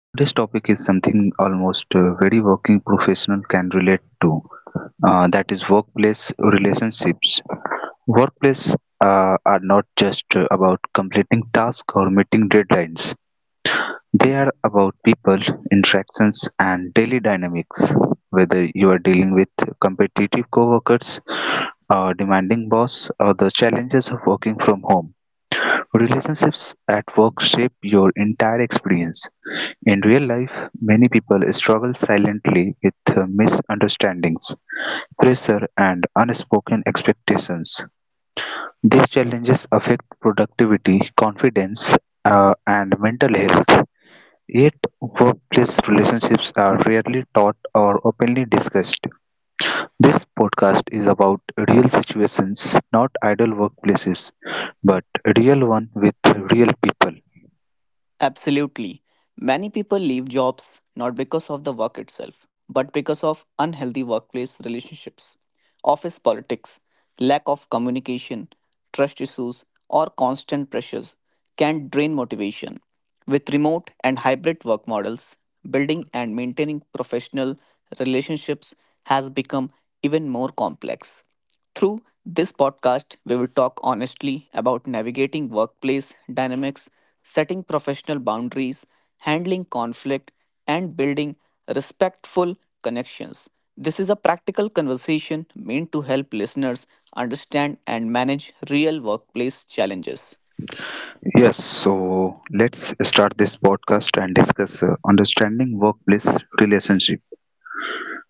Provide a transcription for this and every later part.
Today's topic is something almost very working professional can relate to. That is workplace relationships. Workplace are not just about completing tasks or meeting deadlines. They are about people, interactions and daily dynamics. Whether you are dealing with competitive coworkers, a demanding boss or the challenges of working from home. Relationships at work shape your entire experience. In real life, many people struggle silently with misunderstandings, pressure, and unspoken expectations. These challenges affect productivity, confidence, and mental health. Yet, workplace relationships are rarely taught or openly discussed. This podcast is about real situations, not ideal workplaces, but real one with real people. Absolutely. Many people leave jobs not because of the work itself, but because of unhealthy workplace relationships, office politics, lack of communication, trust issues, or constant pressures can drain motivation. With remote and hybrid work models, building and maintaining professional relationships has become even more complex. Through this podcast, we will talk honestly about navigating workplace dynamics, setting professional boundaries, handling conflict, and building respectful connections. This is a practical conversation meant to help listeners understand and manage real workplace challenges. Yes, so let's start this podcast and discuss understanding workplace relationship.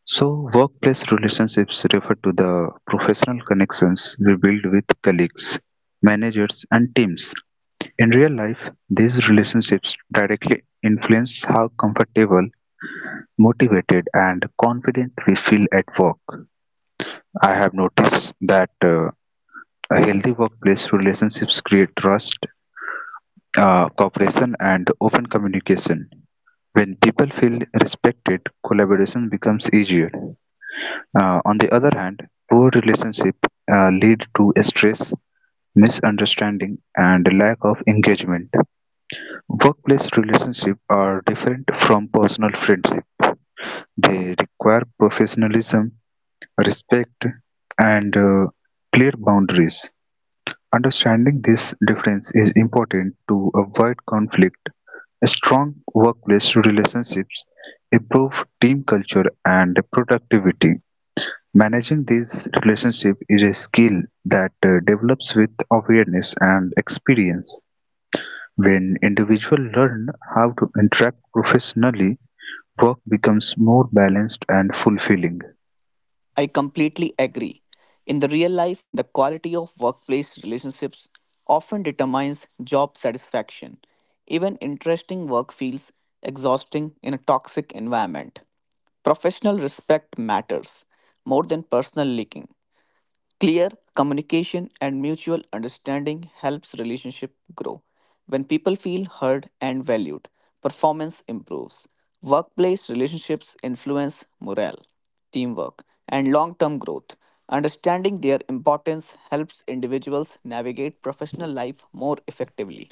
So, workplace relationships refer to the professional connections we build with colleagues, managers, and teams. In real life, these relationships directly influence how comfortable, motivated, and confident we feel at work. I have noticed that a healthy workplace relationships create trust, cooperation, and open communication. When people feel respected, collaboration becomes easier. On the other hand, poor relationships lead to stress, misunderstanding, and lack of engagement. Workplace relationships are different from personal friendship. They require professionalism, respect, and clear boundaries. Understanding this difference is important to avoid conflict. Strong workplace relationships improve team culture and productivity. Managing these relationships is a skill that develops with awareness and experience. When individuals learn how to interact professionally, work becomes more balanced and fulfilling. I completely agree. In the real life, the quality of workplace relationships often determines job satisfaction. Even interesting work feels exhausting in a toxic environment. Professional respect matters more than personal liking. Clear communication and mutual understanding helps relationship grow. When people feel heard and valued, performance improves. Workplace relationships influence morale, teamwork, and long-term growth. Understanding their importance helps individuals navigate professional life more effectively.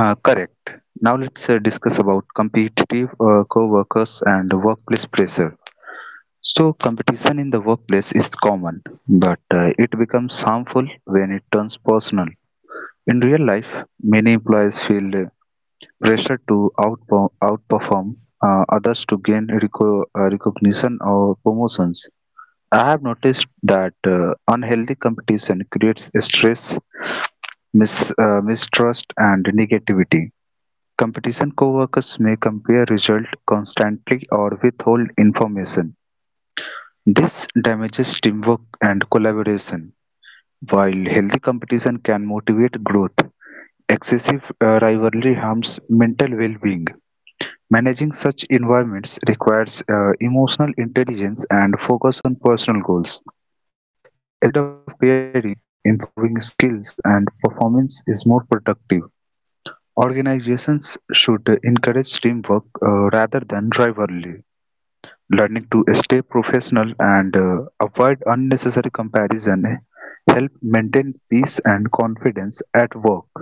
Correct. Now let's discuss about competitive co-workers and workplace pressure. So competition in the workplace is common, but it becomes harmful when it turns personal. In real life, many employees feel pressure to outperform others to gain recognition or promotions. I have noticed that unhealthy competition creates stress, mistrust, and negativity. Competition coworkers may compare results constantly or withhold information. This damages teamwork and collaboration, while healthy competition can motivate growth. Excessive rivalry harms mental well-being. Managing such environments requires emotional intelligence and focus on personal goals. Instead of comparing, improving skills and performance is more productive. Organizations should encourage teamwork rather than rivalry. Learning to stay professional and avoid unnecessary comparison help maintain peace and confidence at work.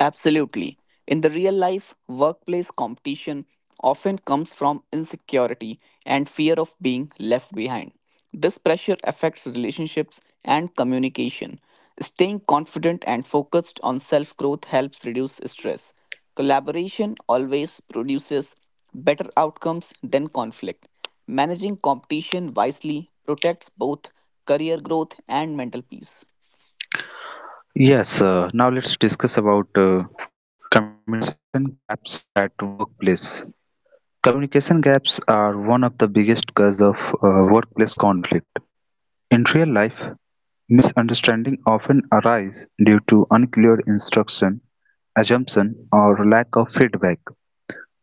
Absolutely. In the real life, workplace competition often comes from insecurity and fear of being left behind. This pressure affects relationships and communication. Staying confident and focused on self growth helps reduce stress. Collaboration always produces better outcomes than conflict. Managing competition wisely protects both career growth and mental peace. Yes, now let's discuss about communication gaps at workplace. Communication gaps are one of the biggest cause of workplace conflict. In real life, misunderstanding often arise due to unclear instruction, assumption, or lack of feedback.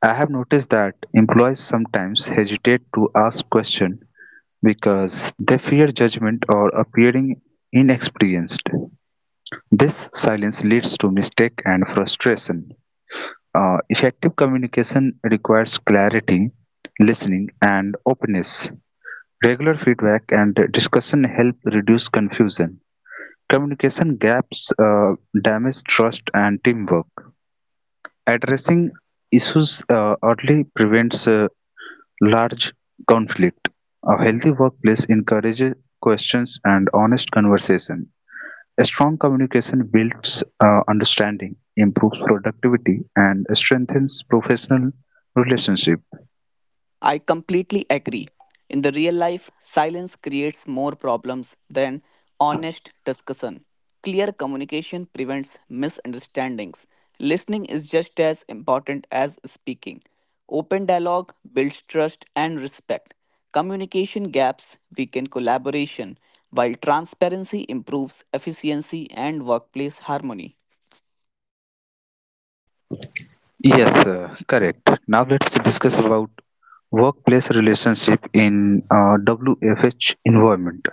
I have noticed that employees sometimes hesitate to ask questions because they fear judgment or appearing inexperienced. This silence leads to mistake and frustration. Effective communication requires clarity, listening, and openness. Regular feedback and discussion help reduce confusion. Communication gaps damage trust and teamwork. Addressing issues early prevents large conflict. A healthy workplace encourages questions and honest conversation. A strong communication builds understanding, improves productivity, and strengthens professional relationship. I completely agree. In the real life, silence creates more problems than honest discussion. Clear communication prevents misunderstandings. Listening is just as important as speaking. Open dialogue builds trust and respect. Communication gaps weaken collaboration, while transparency improves efficiency and workplace harmony. Yes, correct. Now let's discuss about workplace relationship in WFH environment.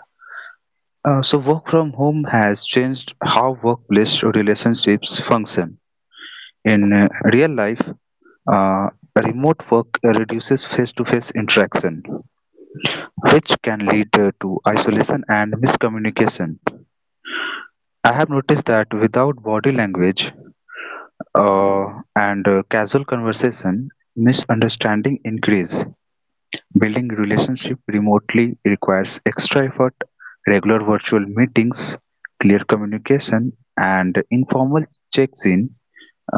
So work from home has changed how workplace relationships function. In real life, Uh, remote work reduces face to face interaction, which can lead to isolation and miscommunication. I have noticed that without body language uh, and casual conversation, misunderstanding increase. Building relationship remotely requires extra effort, regular virtual meetings, clear communication, and informal checks in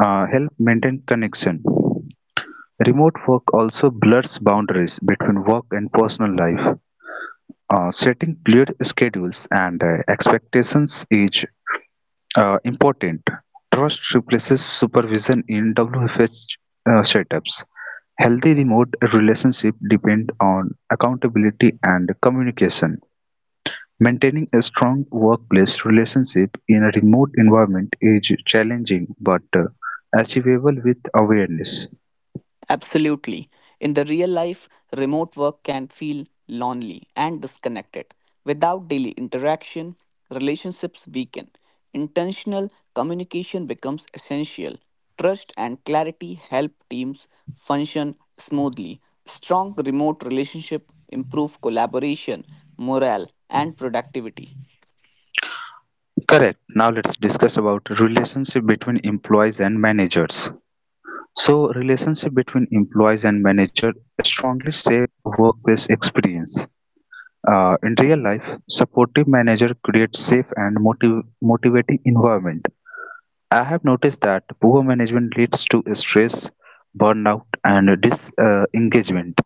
help maintain connection. Remote work also blurs boundaries between work and personal life. Setting clear schedules and expectations is important. Trust replaces supervision in WFS setups. Healthy remote relationship depend on accountability and communication. Maintaining a strong workplace relationship in a remote environment is challenging but achievable with awareness. Absolutely. In the real life, remote work can feel lonely and disconnected. Without daily interaction, relationships weaken. Intentional communication becomes essential. Trust and clarity help teams function smoothly. Strong remote relationship improve collaboration, morale, and productivity. Correct. Now let's discuss about relationship between employees and managers. So relationship between employees and manager strongly shape workplace experience. In real life, supportive manager creates safe and motivating environment. I have noticed that poor management leads to stress, burnout, and disengagement.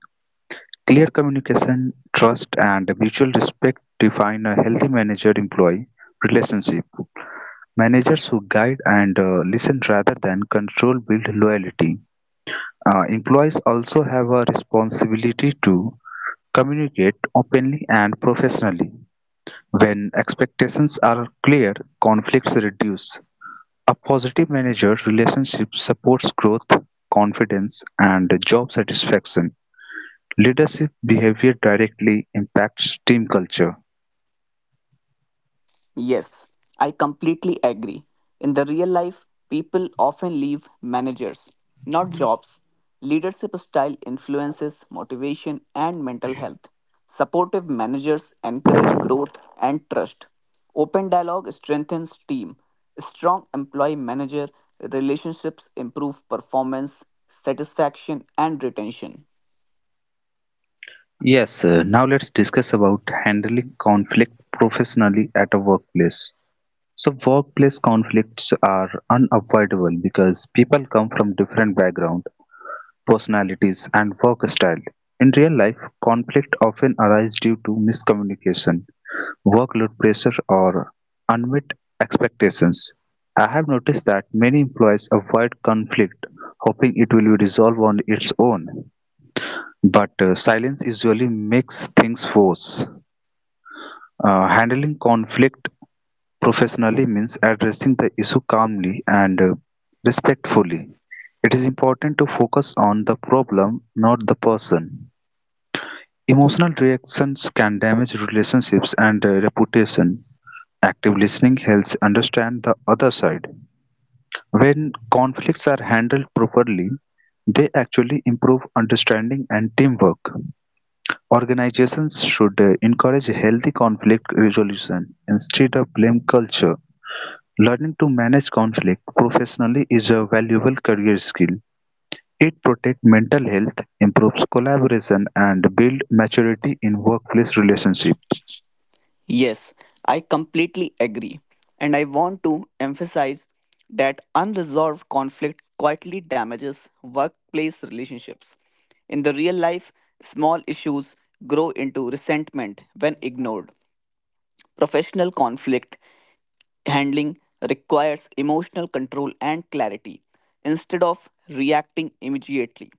Clear communication, trust, and mutual respect define a healthy manager-employee relationship. Managers who guide and listen rather than control build loyalty. Employees also have a responsibility to communicate openly and professionally. When expectations are clear, conflicts reduce. A positive manager relationship supports growth, confidence, and job satisfaction. Leadership behavior directly impacts team culture. Yes, I completely agree. In the real life, people often leave managers, not jobs. Leadership style influences motivation and mental health. Supportive managers encourage growth and trust. Open dialogue strengthens team. Strong employee manager relationships improve performance, satisfaction and retention. Yes, now let's discuss about handling conflict professionally at a workplace. So workplace conflicts are unavoidable because people come from different backgrounds, personalities and work style. In real life, conflict often arises due to miscommunication, workload pressure or unmet expectations. I have noticed that many employees avoid conflict hoping it will be resolved on its own. But silence usually makes things worse. Handling conflict professionally means addressing the issue calmly and respectfully. It is important to focus on the problem, not the person. Emotional reactions can damage relationships and reputation. Active listening helps understand the other side. When conflicts are handled properly, they actually improve understanding and teamwork. Organizations should encourage healthy conflict resolution instead of blame culture. Learning to manage conflict professionally is a valuable career skill. It protects mental health, improves collaboration, and builds maturity in workplace relationships. Yes, I completely agree. And I want to emphasize that unresolved conflict quietly damages workplace relationships. In the real life, small issues grow into resentment when ignored. Professional conflict handling requires emotional control and clarity instead of reacting immediately.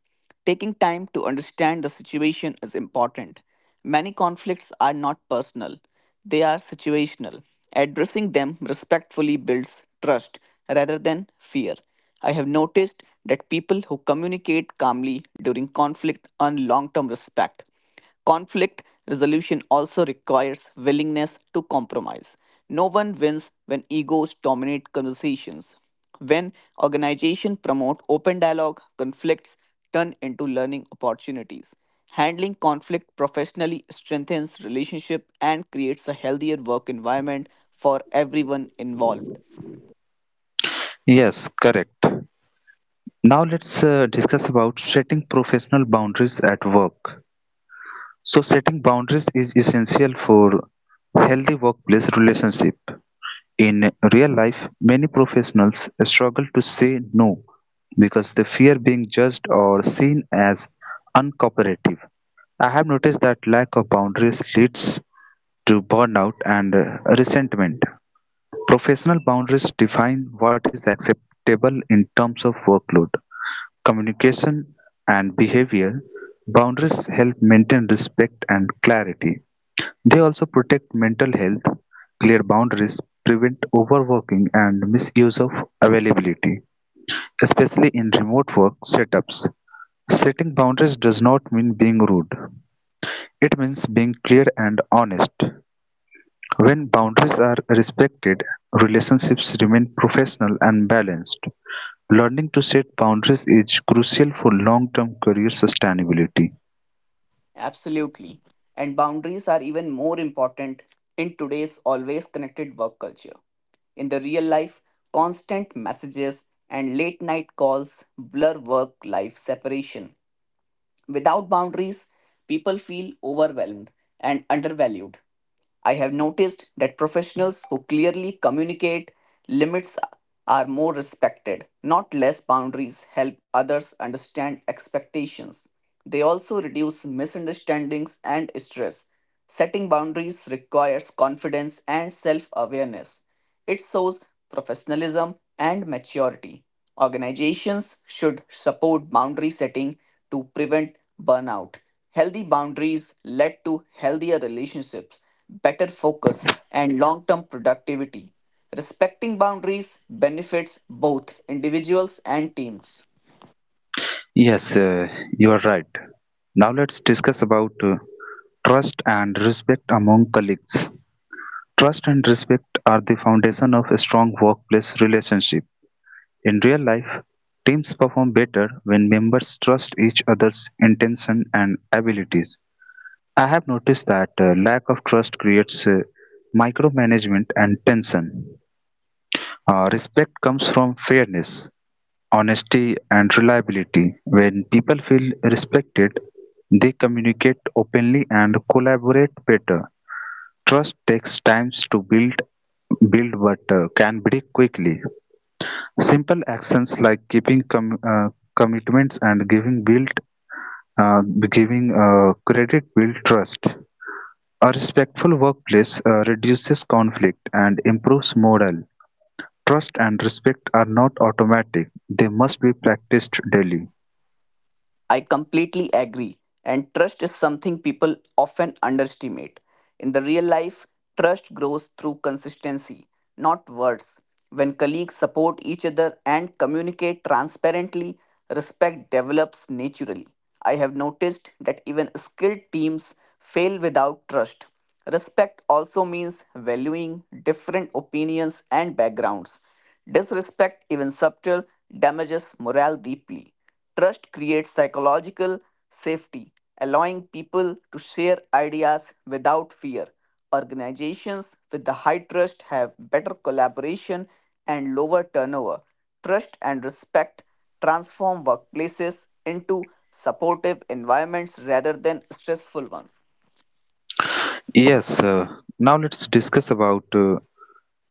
Taking time to understand the situation is important. Many conflicts are not personal, they are situational. Addressing them respectfully builds trust rather than fear. I have noticed that people who communicate calmly during conflict earn long term respect. Conflict resolution also requires willingness to compromise. No one wins when egos dominate conversations. When organizations promote open dialogue, conflicts turn into learning opportunities. Handling conflict professionally strengthens relationship and creates a healthier work environment for everyone involved. Yes, correct. Now let's discuss about setting professional boundaries at work. So setting boundaries is essential for healthy workplace relationship. In real life, many professionals struggle to say no because they fear being judged or seen as uncooperative. I have noticed that lack of boundaries leads to burnout and resentment. Professional boundaries define what is acceptable in terms of workload, communication, and behavior. Boundaries help maintain respect and clarity. They also protect mental health. Clear boundaries prevent overworking and misuse of availability, especially in remote work setups. Setting boundaries does not mean being rude. It means being clear and honest. When boundaries are respected, relationships remain professional and balanced. Learning to set boundaries is crucial for long term career sustainability. Absolutely. And boundaries are even more important in today's always connected work culture. In the real life, constant messages and late night calls blur work life separation. Without boundaries, people feel overwhelmed and undervalued. I have noticed that professionals who clearly communicate limits are more respected, not less boundaries help others understand expectations. They also reduce misunderstandings and stress. Setting boundaries requires confidence and self awareness. It shows professionalism and maturity. Organizations should support boundary setting to prevent burnout. Healthy boundaries led to healthier relationships, better focus, and long term productivity. Respecting boundaries benefits both individuals and teams. Yes, you are right. Now let's discuss about trust and respect among colleagues. Trust and respect are the foundation of a strong workplace relationship. In real life, teams perform better when members trust each other's intention and abilities. I have noticed that lack of trust creates micromanagement and tension. Respect comes from fairness, honesty and reliability. When people feel respected, they communicate openly and collaborate better. Trust takes time to build but can break quickly. Simple actions like keeping commitments and uh, giving credit build trust. A respectful workplace reduces conflict and improves morale. Trust and respect are not automatic. They must be practiced daily. I completely agree. And trust is something people often underestimate. In the real life, trust grows through consistency, not words. When colleagues support each other and communicate transparently, respect develops naturally. I have noticed that even skilled teams fail without trust. Respect also means valuing different opinions and backgrounds. Disrespect, even subtle, damages morale deeply. Trust creates psychological safety, allowing people to share ideas without fear. Organizations with the high trust have better collaboration and lower turnover. Trust and respect transform workplaces into supportive environments rather than stressful ones. Yes, now let's discuss about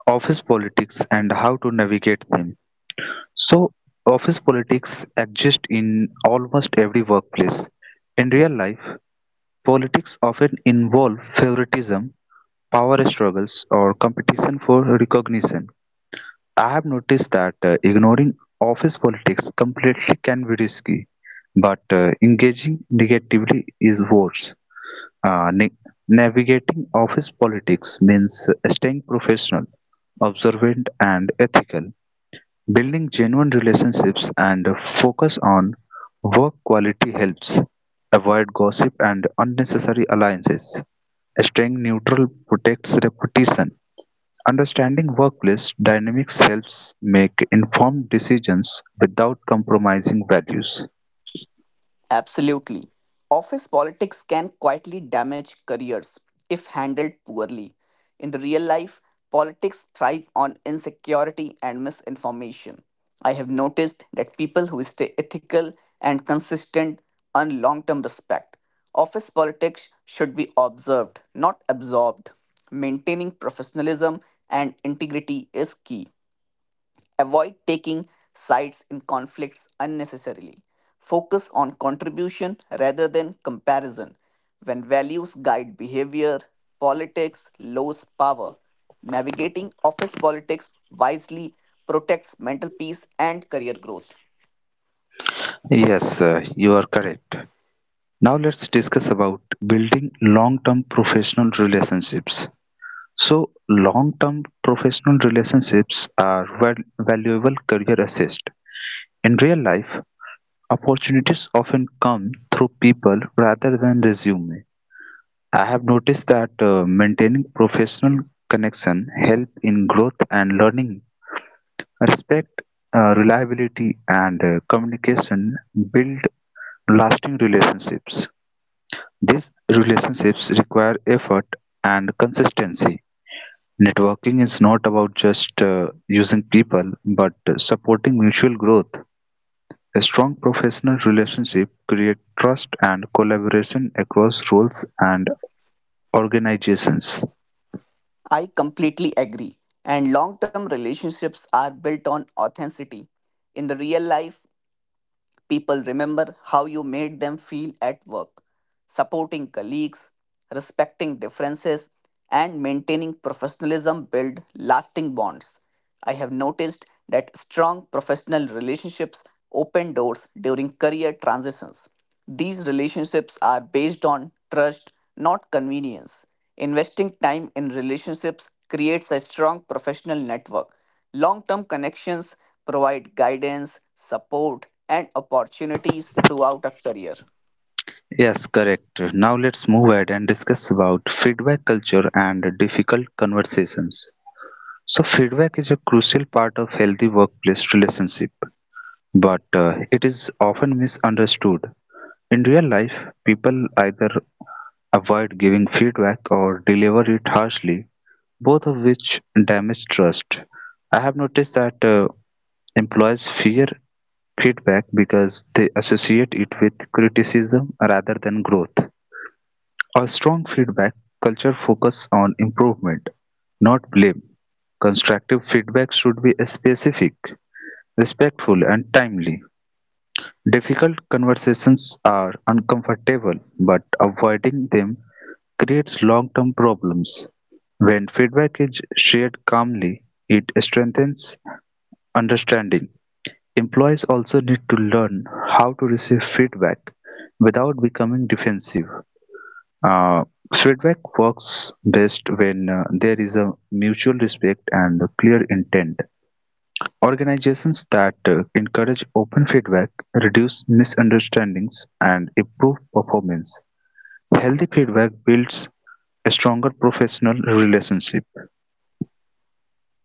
office politics and how to navigate them. So, office politics exist in almost every workplace. In real life, politics often involve favoritism, power struggles, or competition for recognition. I've noticed that ignoring office politics completely can be risky, but engaging negatively is worse. Uh, na- Navigating office politics means staying professional, observant, and ethical. Building genuine relationships and focus on work quality helps. Avoid gossip and unnecessary alliances. Staying neutral protects reputation. Understanding workplace dynamics helps make informed decisions without compromising values. Absolutely. Office politics can quietly damage careers if handled poorly. In the real life, politics thrive on insecurity and misinformation. I have noticed that people who stay ethical and consistent earn long term respect. Office politics should be observed, not absorbed. Maintaining professionalism and integrity is key. Avoid taking sides in conflicts unnecessarily. Focus on contribution rather than comparison. When values guide behavior, politics lose power. Navigating office politics wisely protects mental peace and career growth. Yes, you are correct. Now let's discuss about building long-term professional relationships. So, long-term professional relationships are valuable career assist. In real life, opportunities often come through people rather than resume. I have noticed that maintaining professional connection help in growth and learning. Respect, reliability, and communication build lasting relationships. These relationships require effort and consistency. Networking is not about just using people, but supporting mutual growth. A strong professional relationship creates trust and collaboration across roles and organizations. I completely agree. And long term relationships are built on authenticity. In the real life, people remember how you made them feel at work, supporting colleagues, respecting differences, and maintaining professionalism build lasting bonds. I have noticed that strong professional relationships open doors during career transitions. These relationships are based on trust, not convenience. Investing time in relationships creates a strong professional network. Long term connections provide guidance, support, and opportunities throughout a career. Yes, correct. Now let's move ahead and discuss about feedback culture and difficult conversations. So feedback is a crucial part of healthy workplace relationship, but it is often misunderstood. In real life, people either avoid giving feedback or deliver it harshly, both of which damage trust. I have noticed that employees fear feedback because they associate it with criticism rather than growth. A strong feedback culture focuses on improvement, not blame. Constructive feedback should be specific, respectful, and timely. Difficult conversations are uncomfortable, but avoiding them creates long term problems. When feedback is shared calmly, it strengthens understanding. Employees also need to learn how to receive feedback without becoming defensive. Uh, Feedback works best when there is a mutual respect and a clear intent. Organizations that encourage open feedback reduce misunderstandings and improve performance. Healthy feedback builds a stronger professional relationship.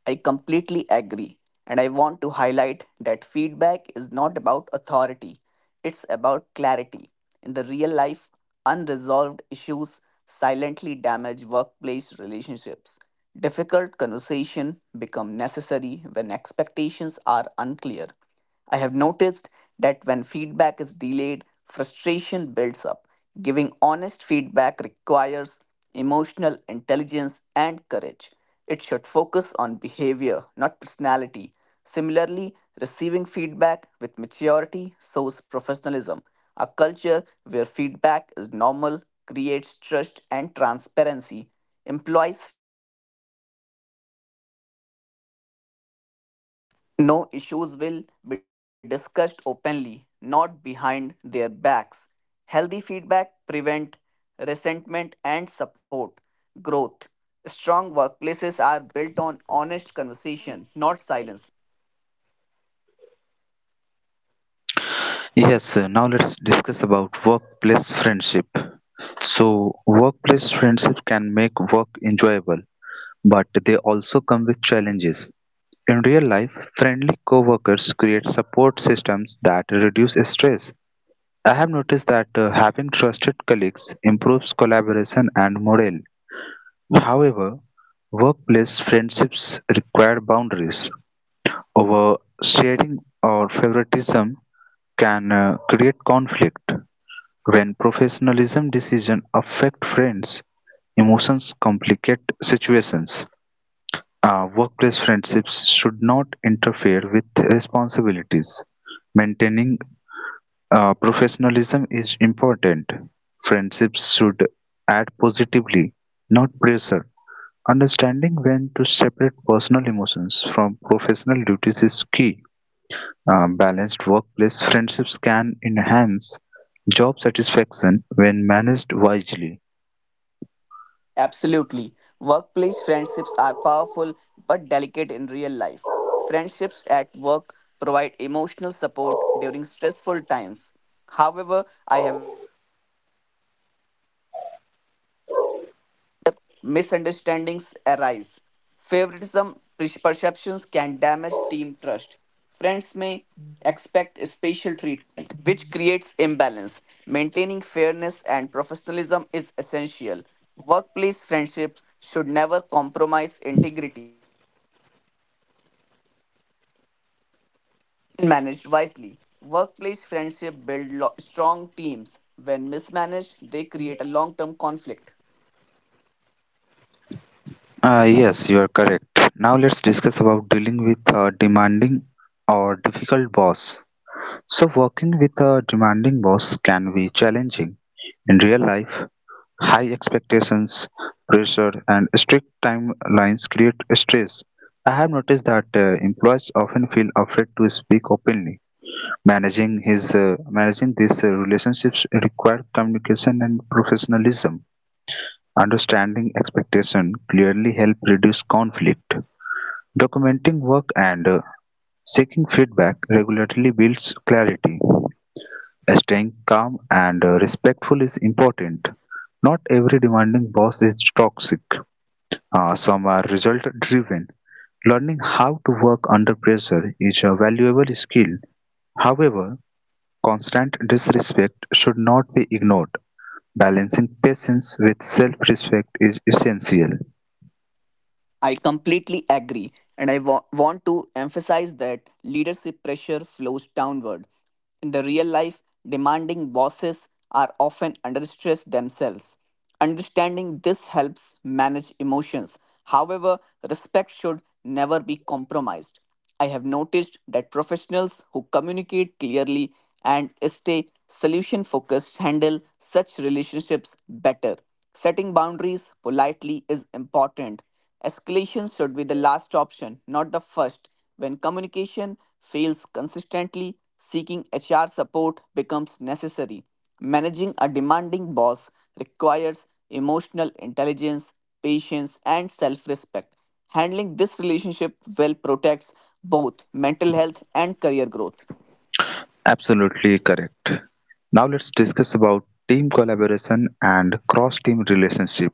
I completely agree, and I want to highlight that feedback is not about authority, it's about clarity. In the real life, unresolved issues silently damage workplace relationships. Difficult conversation become necessary when expectations are unclear. I have noticed that when feedback is delayed, frustration builds up. Giving honest feedback requires emotional intelligence and courage. It should focus on behavior, not personality. Similarly, receiving feedback with maturity shows professionalism. A culture where feedback is normal creates trust and transparency. Employees No issues will be discussed openly, not behind their backs. Healthy feedback prevent resentment and support growth. Strong workplaces are built on honest conversation, not silence. Yes, now let's discuss about workplace friendship. So, workplace friendship can make work enjoyable, but they also come with challenges. In real life, friendly coworkers create support systems that reduce stress. I have noticed that having trusted colleagues improves collaboration and morale. However, workplace friendships require boundaries. Over sharing or favoritism can create conflict. When professionalism decisions affect friends, emotions complicate situations. Workplace friendships should not interfere with responsibilities. Maintaining professionalism is important. Friendships should add positively, not pressure. Understanding when to separate personal emotions from professional duties is key. Balanced workplace friendships can enhance job satisfaction when managed wisely. Absolutely. Workplace friendships are powerful but delicate in real life. Friendships at work provide emotional support during stressful times. However, I misunderstandings arise. Favoritism perceptions can damage team trust. Friends may expect special treatment, which creates imbalance. Maintaining fairness and professionalism is essential. Workplace friendships should never compromise integrity. Managed wisely, workplace friendship strong teams. When mismanaged, they create a long-term conflict. Yes, you are correct. Now let's discuss about dealing with a demanding or difficult boss. So working with a demanding boss can be challenging. In real life, high expectations, pressure, and strict timelines create stress. I have noticed that employees often feel afraid to speak openly. Managing these relationships require communication and professionalism. Understanding expectation clearly help reduce conflict. Documenting work and seeking feedback regularly builds clarity. Staying calm and respectful is important. Not every demanding boss is toxic. Some are result driven. Learning how to work under pressure is a valuable skill. However, constant disrespect should not be ignored. Balancing patience with self respect is essential. I completely agree, and want to emphasize that leadership pressure flows downward. In the real life, demanding bosses are often under stress themselves. Understanding this helps manage emotions. However, respect should never be compromised. I have noticed that professionals who communicate clearly and stay solution focused handle such relationships better. Setting boundaries politely is important. Escalation should be the last option, not the first. When communication fails consistently, seeking HR support becomes necessary. Managing a demanding boss requires emotional intelligence, patience, and self respect. Handling this relationship well protects both mental health and career growth. Absolutely correct. Now let's discuss about team collaboration and cross-team relationship.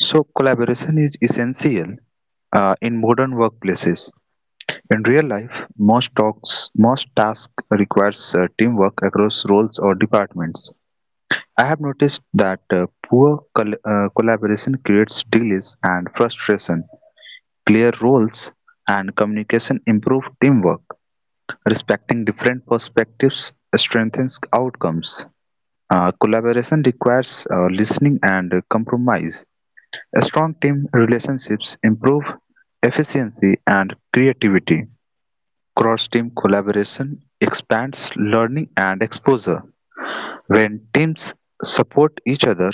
So collaboration is essential in modern workplaces. In real life, most tasks requires teamwork across roles or departments. I have noticed that poor collaboration creates delays and frustration. Clear roles and communication improve teamwork. Respecting different perspectives strengthens outcomes. Collaboration requires listening and compromise. Strong team relationships improve efficiency and creativity. Cross team collaboration expands learning and exposure. When teams support each other,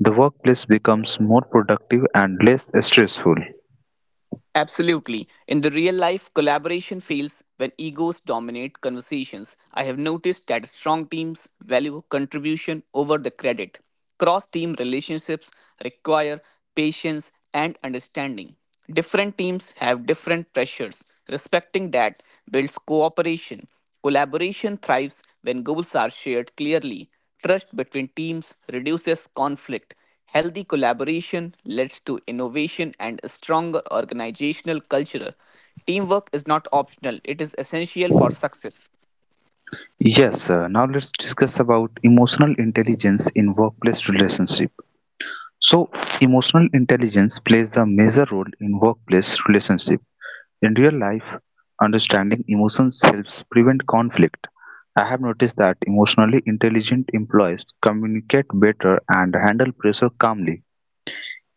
the workplace becomes more productive and less stressful. Absolutely. In the real life, collaboration fails when egos dominate conversations. I have noticed that strong teams value contribution over the credit. Cross team relationships require patience and understanding. Different teams have different pressures. Respecting that builds cooperation. Collaboration thrives when goals are shared clearly. Trust between teams reduces conflict. Healthy collaboration leads to innovation and a stronger organizational culture. Teamwork is not optional, it is essential for success. Yes, now let's discuss about emotional intelligence in workplace relationship. So, emotional intelligence plays a major role in workplace relationship. In real life, understanding emotions helps prevent conflict. I have noticed that emotionally intelligent employees communicate better and handle pressure calmly.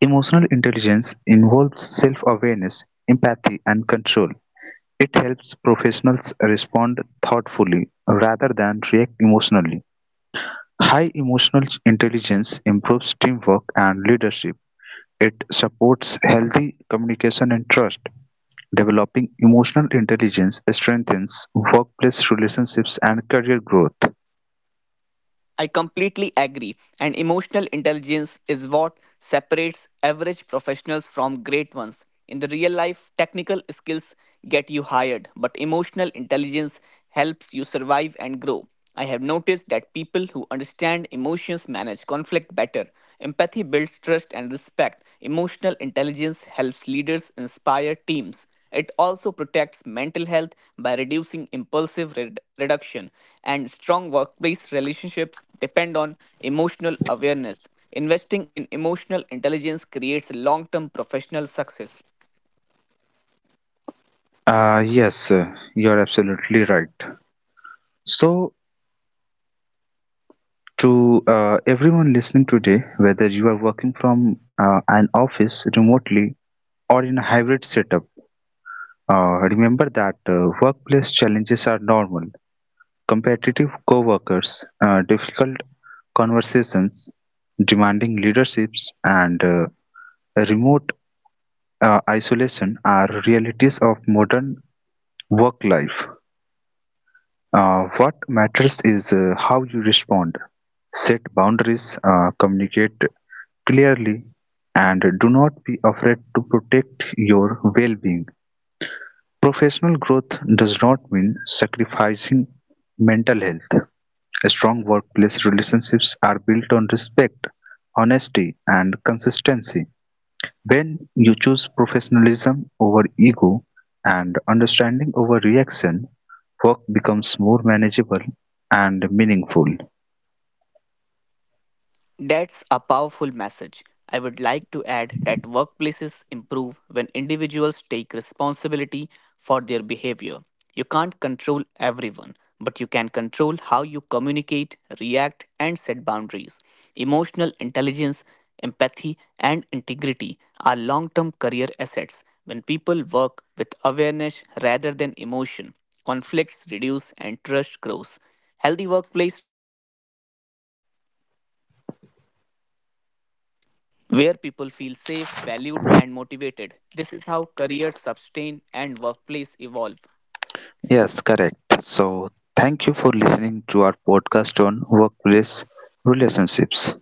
Emotional intelligence involves self awareness, empathy, and control. It helps professionals respond thoughtfully rather than react emotionally. High emotional intelligence improves teamwork and leadership. It supports healthy communication and trust. Developing emotional intelligence strengthens workplace relationships and career growth. I completely agree, and emotional intelligence is what separates average professionals from great ones. In the real life, technical skills get you hired, but emotional intelligence helps you survive and grow. I have noticed that people who understand emotions manage conflict better. Empathy builds trust and respect. Emotional intelligence helps leaders inspire teams. It also protects mental health by reducing reduction, and strong workplace relationships depend on emotional awareness. Investing in emotional intelligence creates long term professional success. Yes, you're absolutely right. So, to everyone listening today, whether you are working from an office remotely or in a hybrid setup, remember that workplace challenges are normal. Competitive coworkers, difficult conversations, demanding leaderships, and remote isolation are realities of modern work life. What matters is how you respond. Set boundaries, communicate clearly, and do not be afraid to protect your well being. Professional growth does not mean sacrificing mental health. Strong workplace relationships are built on respect, honesty, and consistency. When you choose professionalism over ego and understanding over reaction, work becomes more manageable and meaningful. That's a powerful message. I would like to add that workplaces improve when individuals take responsibility for their behavior. You can't control everyone, but you can control how you communicate, react, and set boundaries. Emotional intelligence, empathy, and integrity are long term career assets. When people work with awareness rather than emotion, conflicts reduce and trust grows. Healthy workplace where people feel safe, valued, and motivated. This is how careers sustain and workplace evolve. Yes, correct. So, thank you for listening to our podcast on workplace relationships.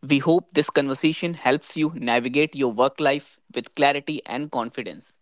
We hope this conversation helps you navigate your work life with clarity and confidence.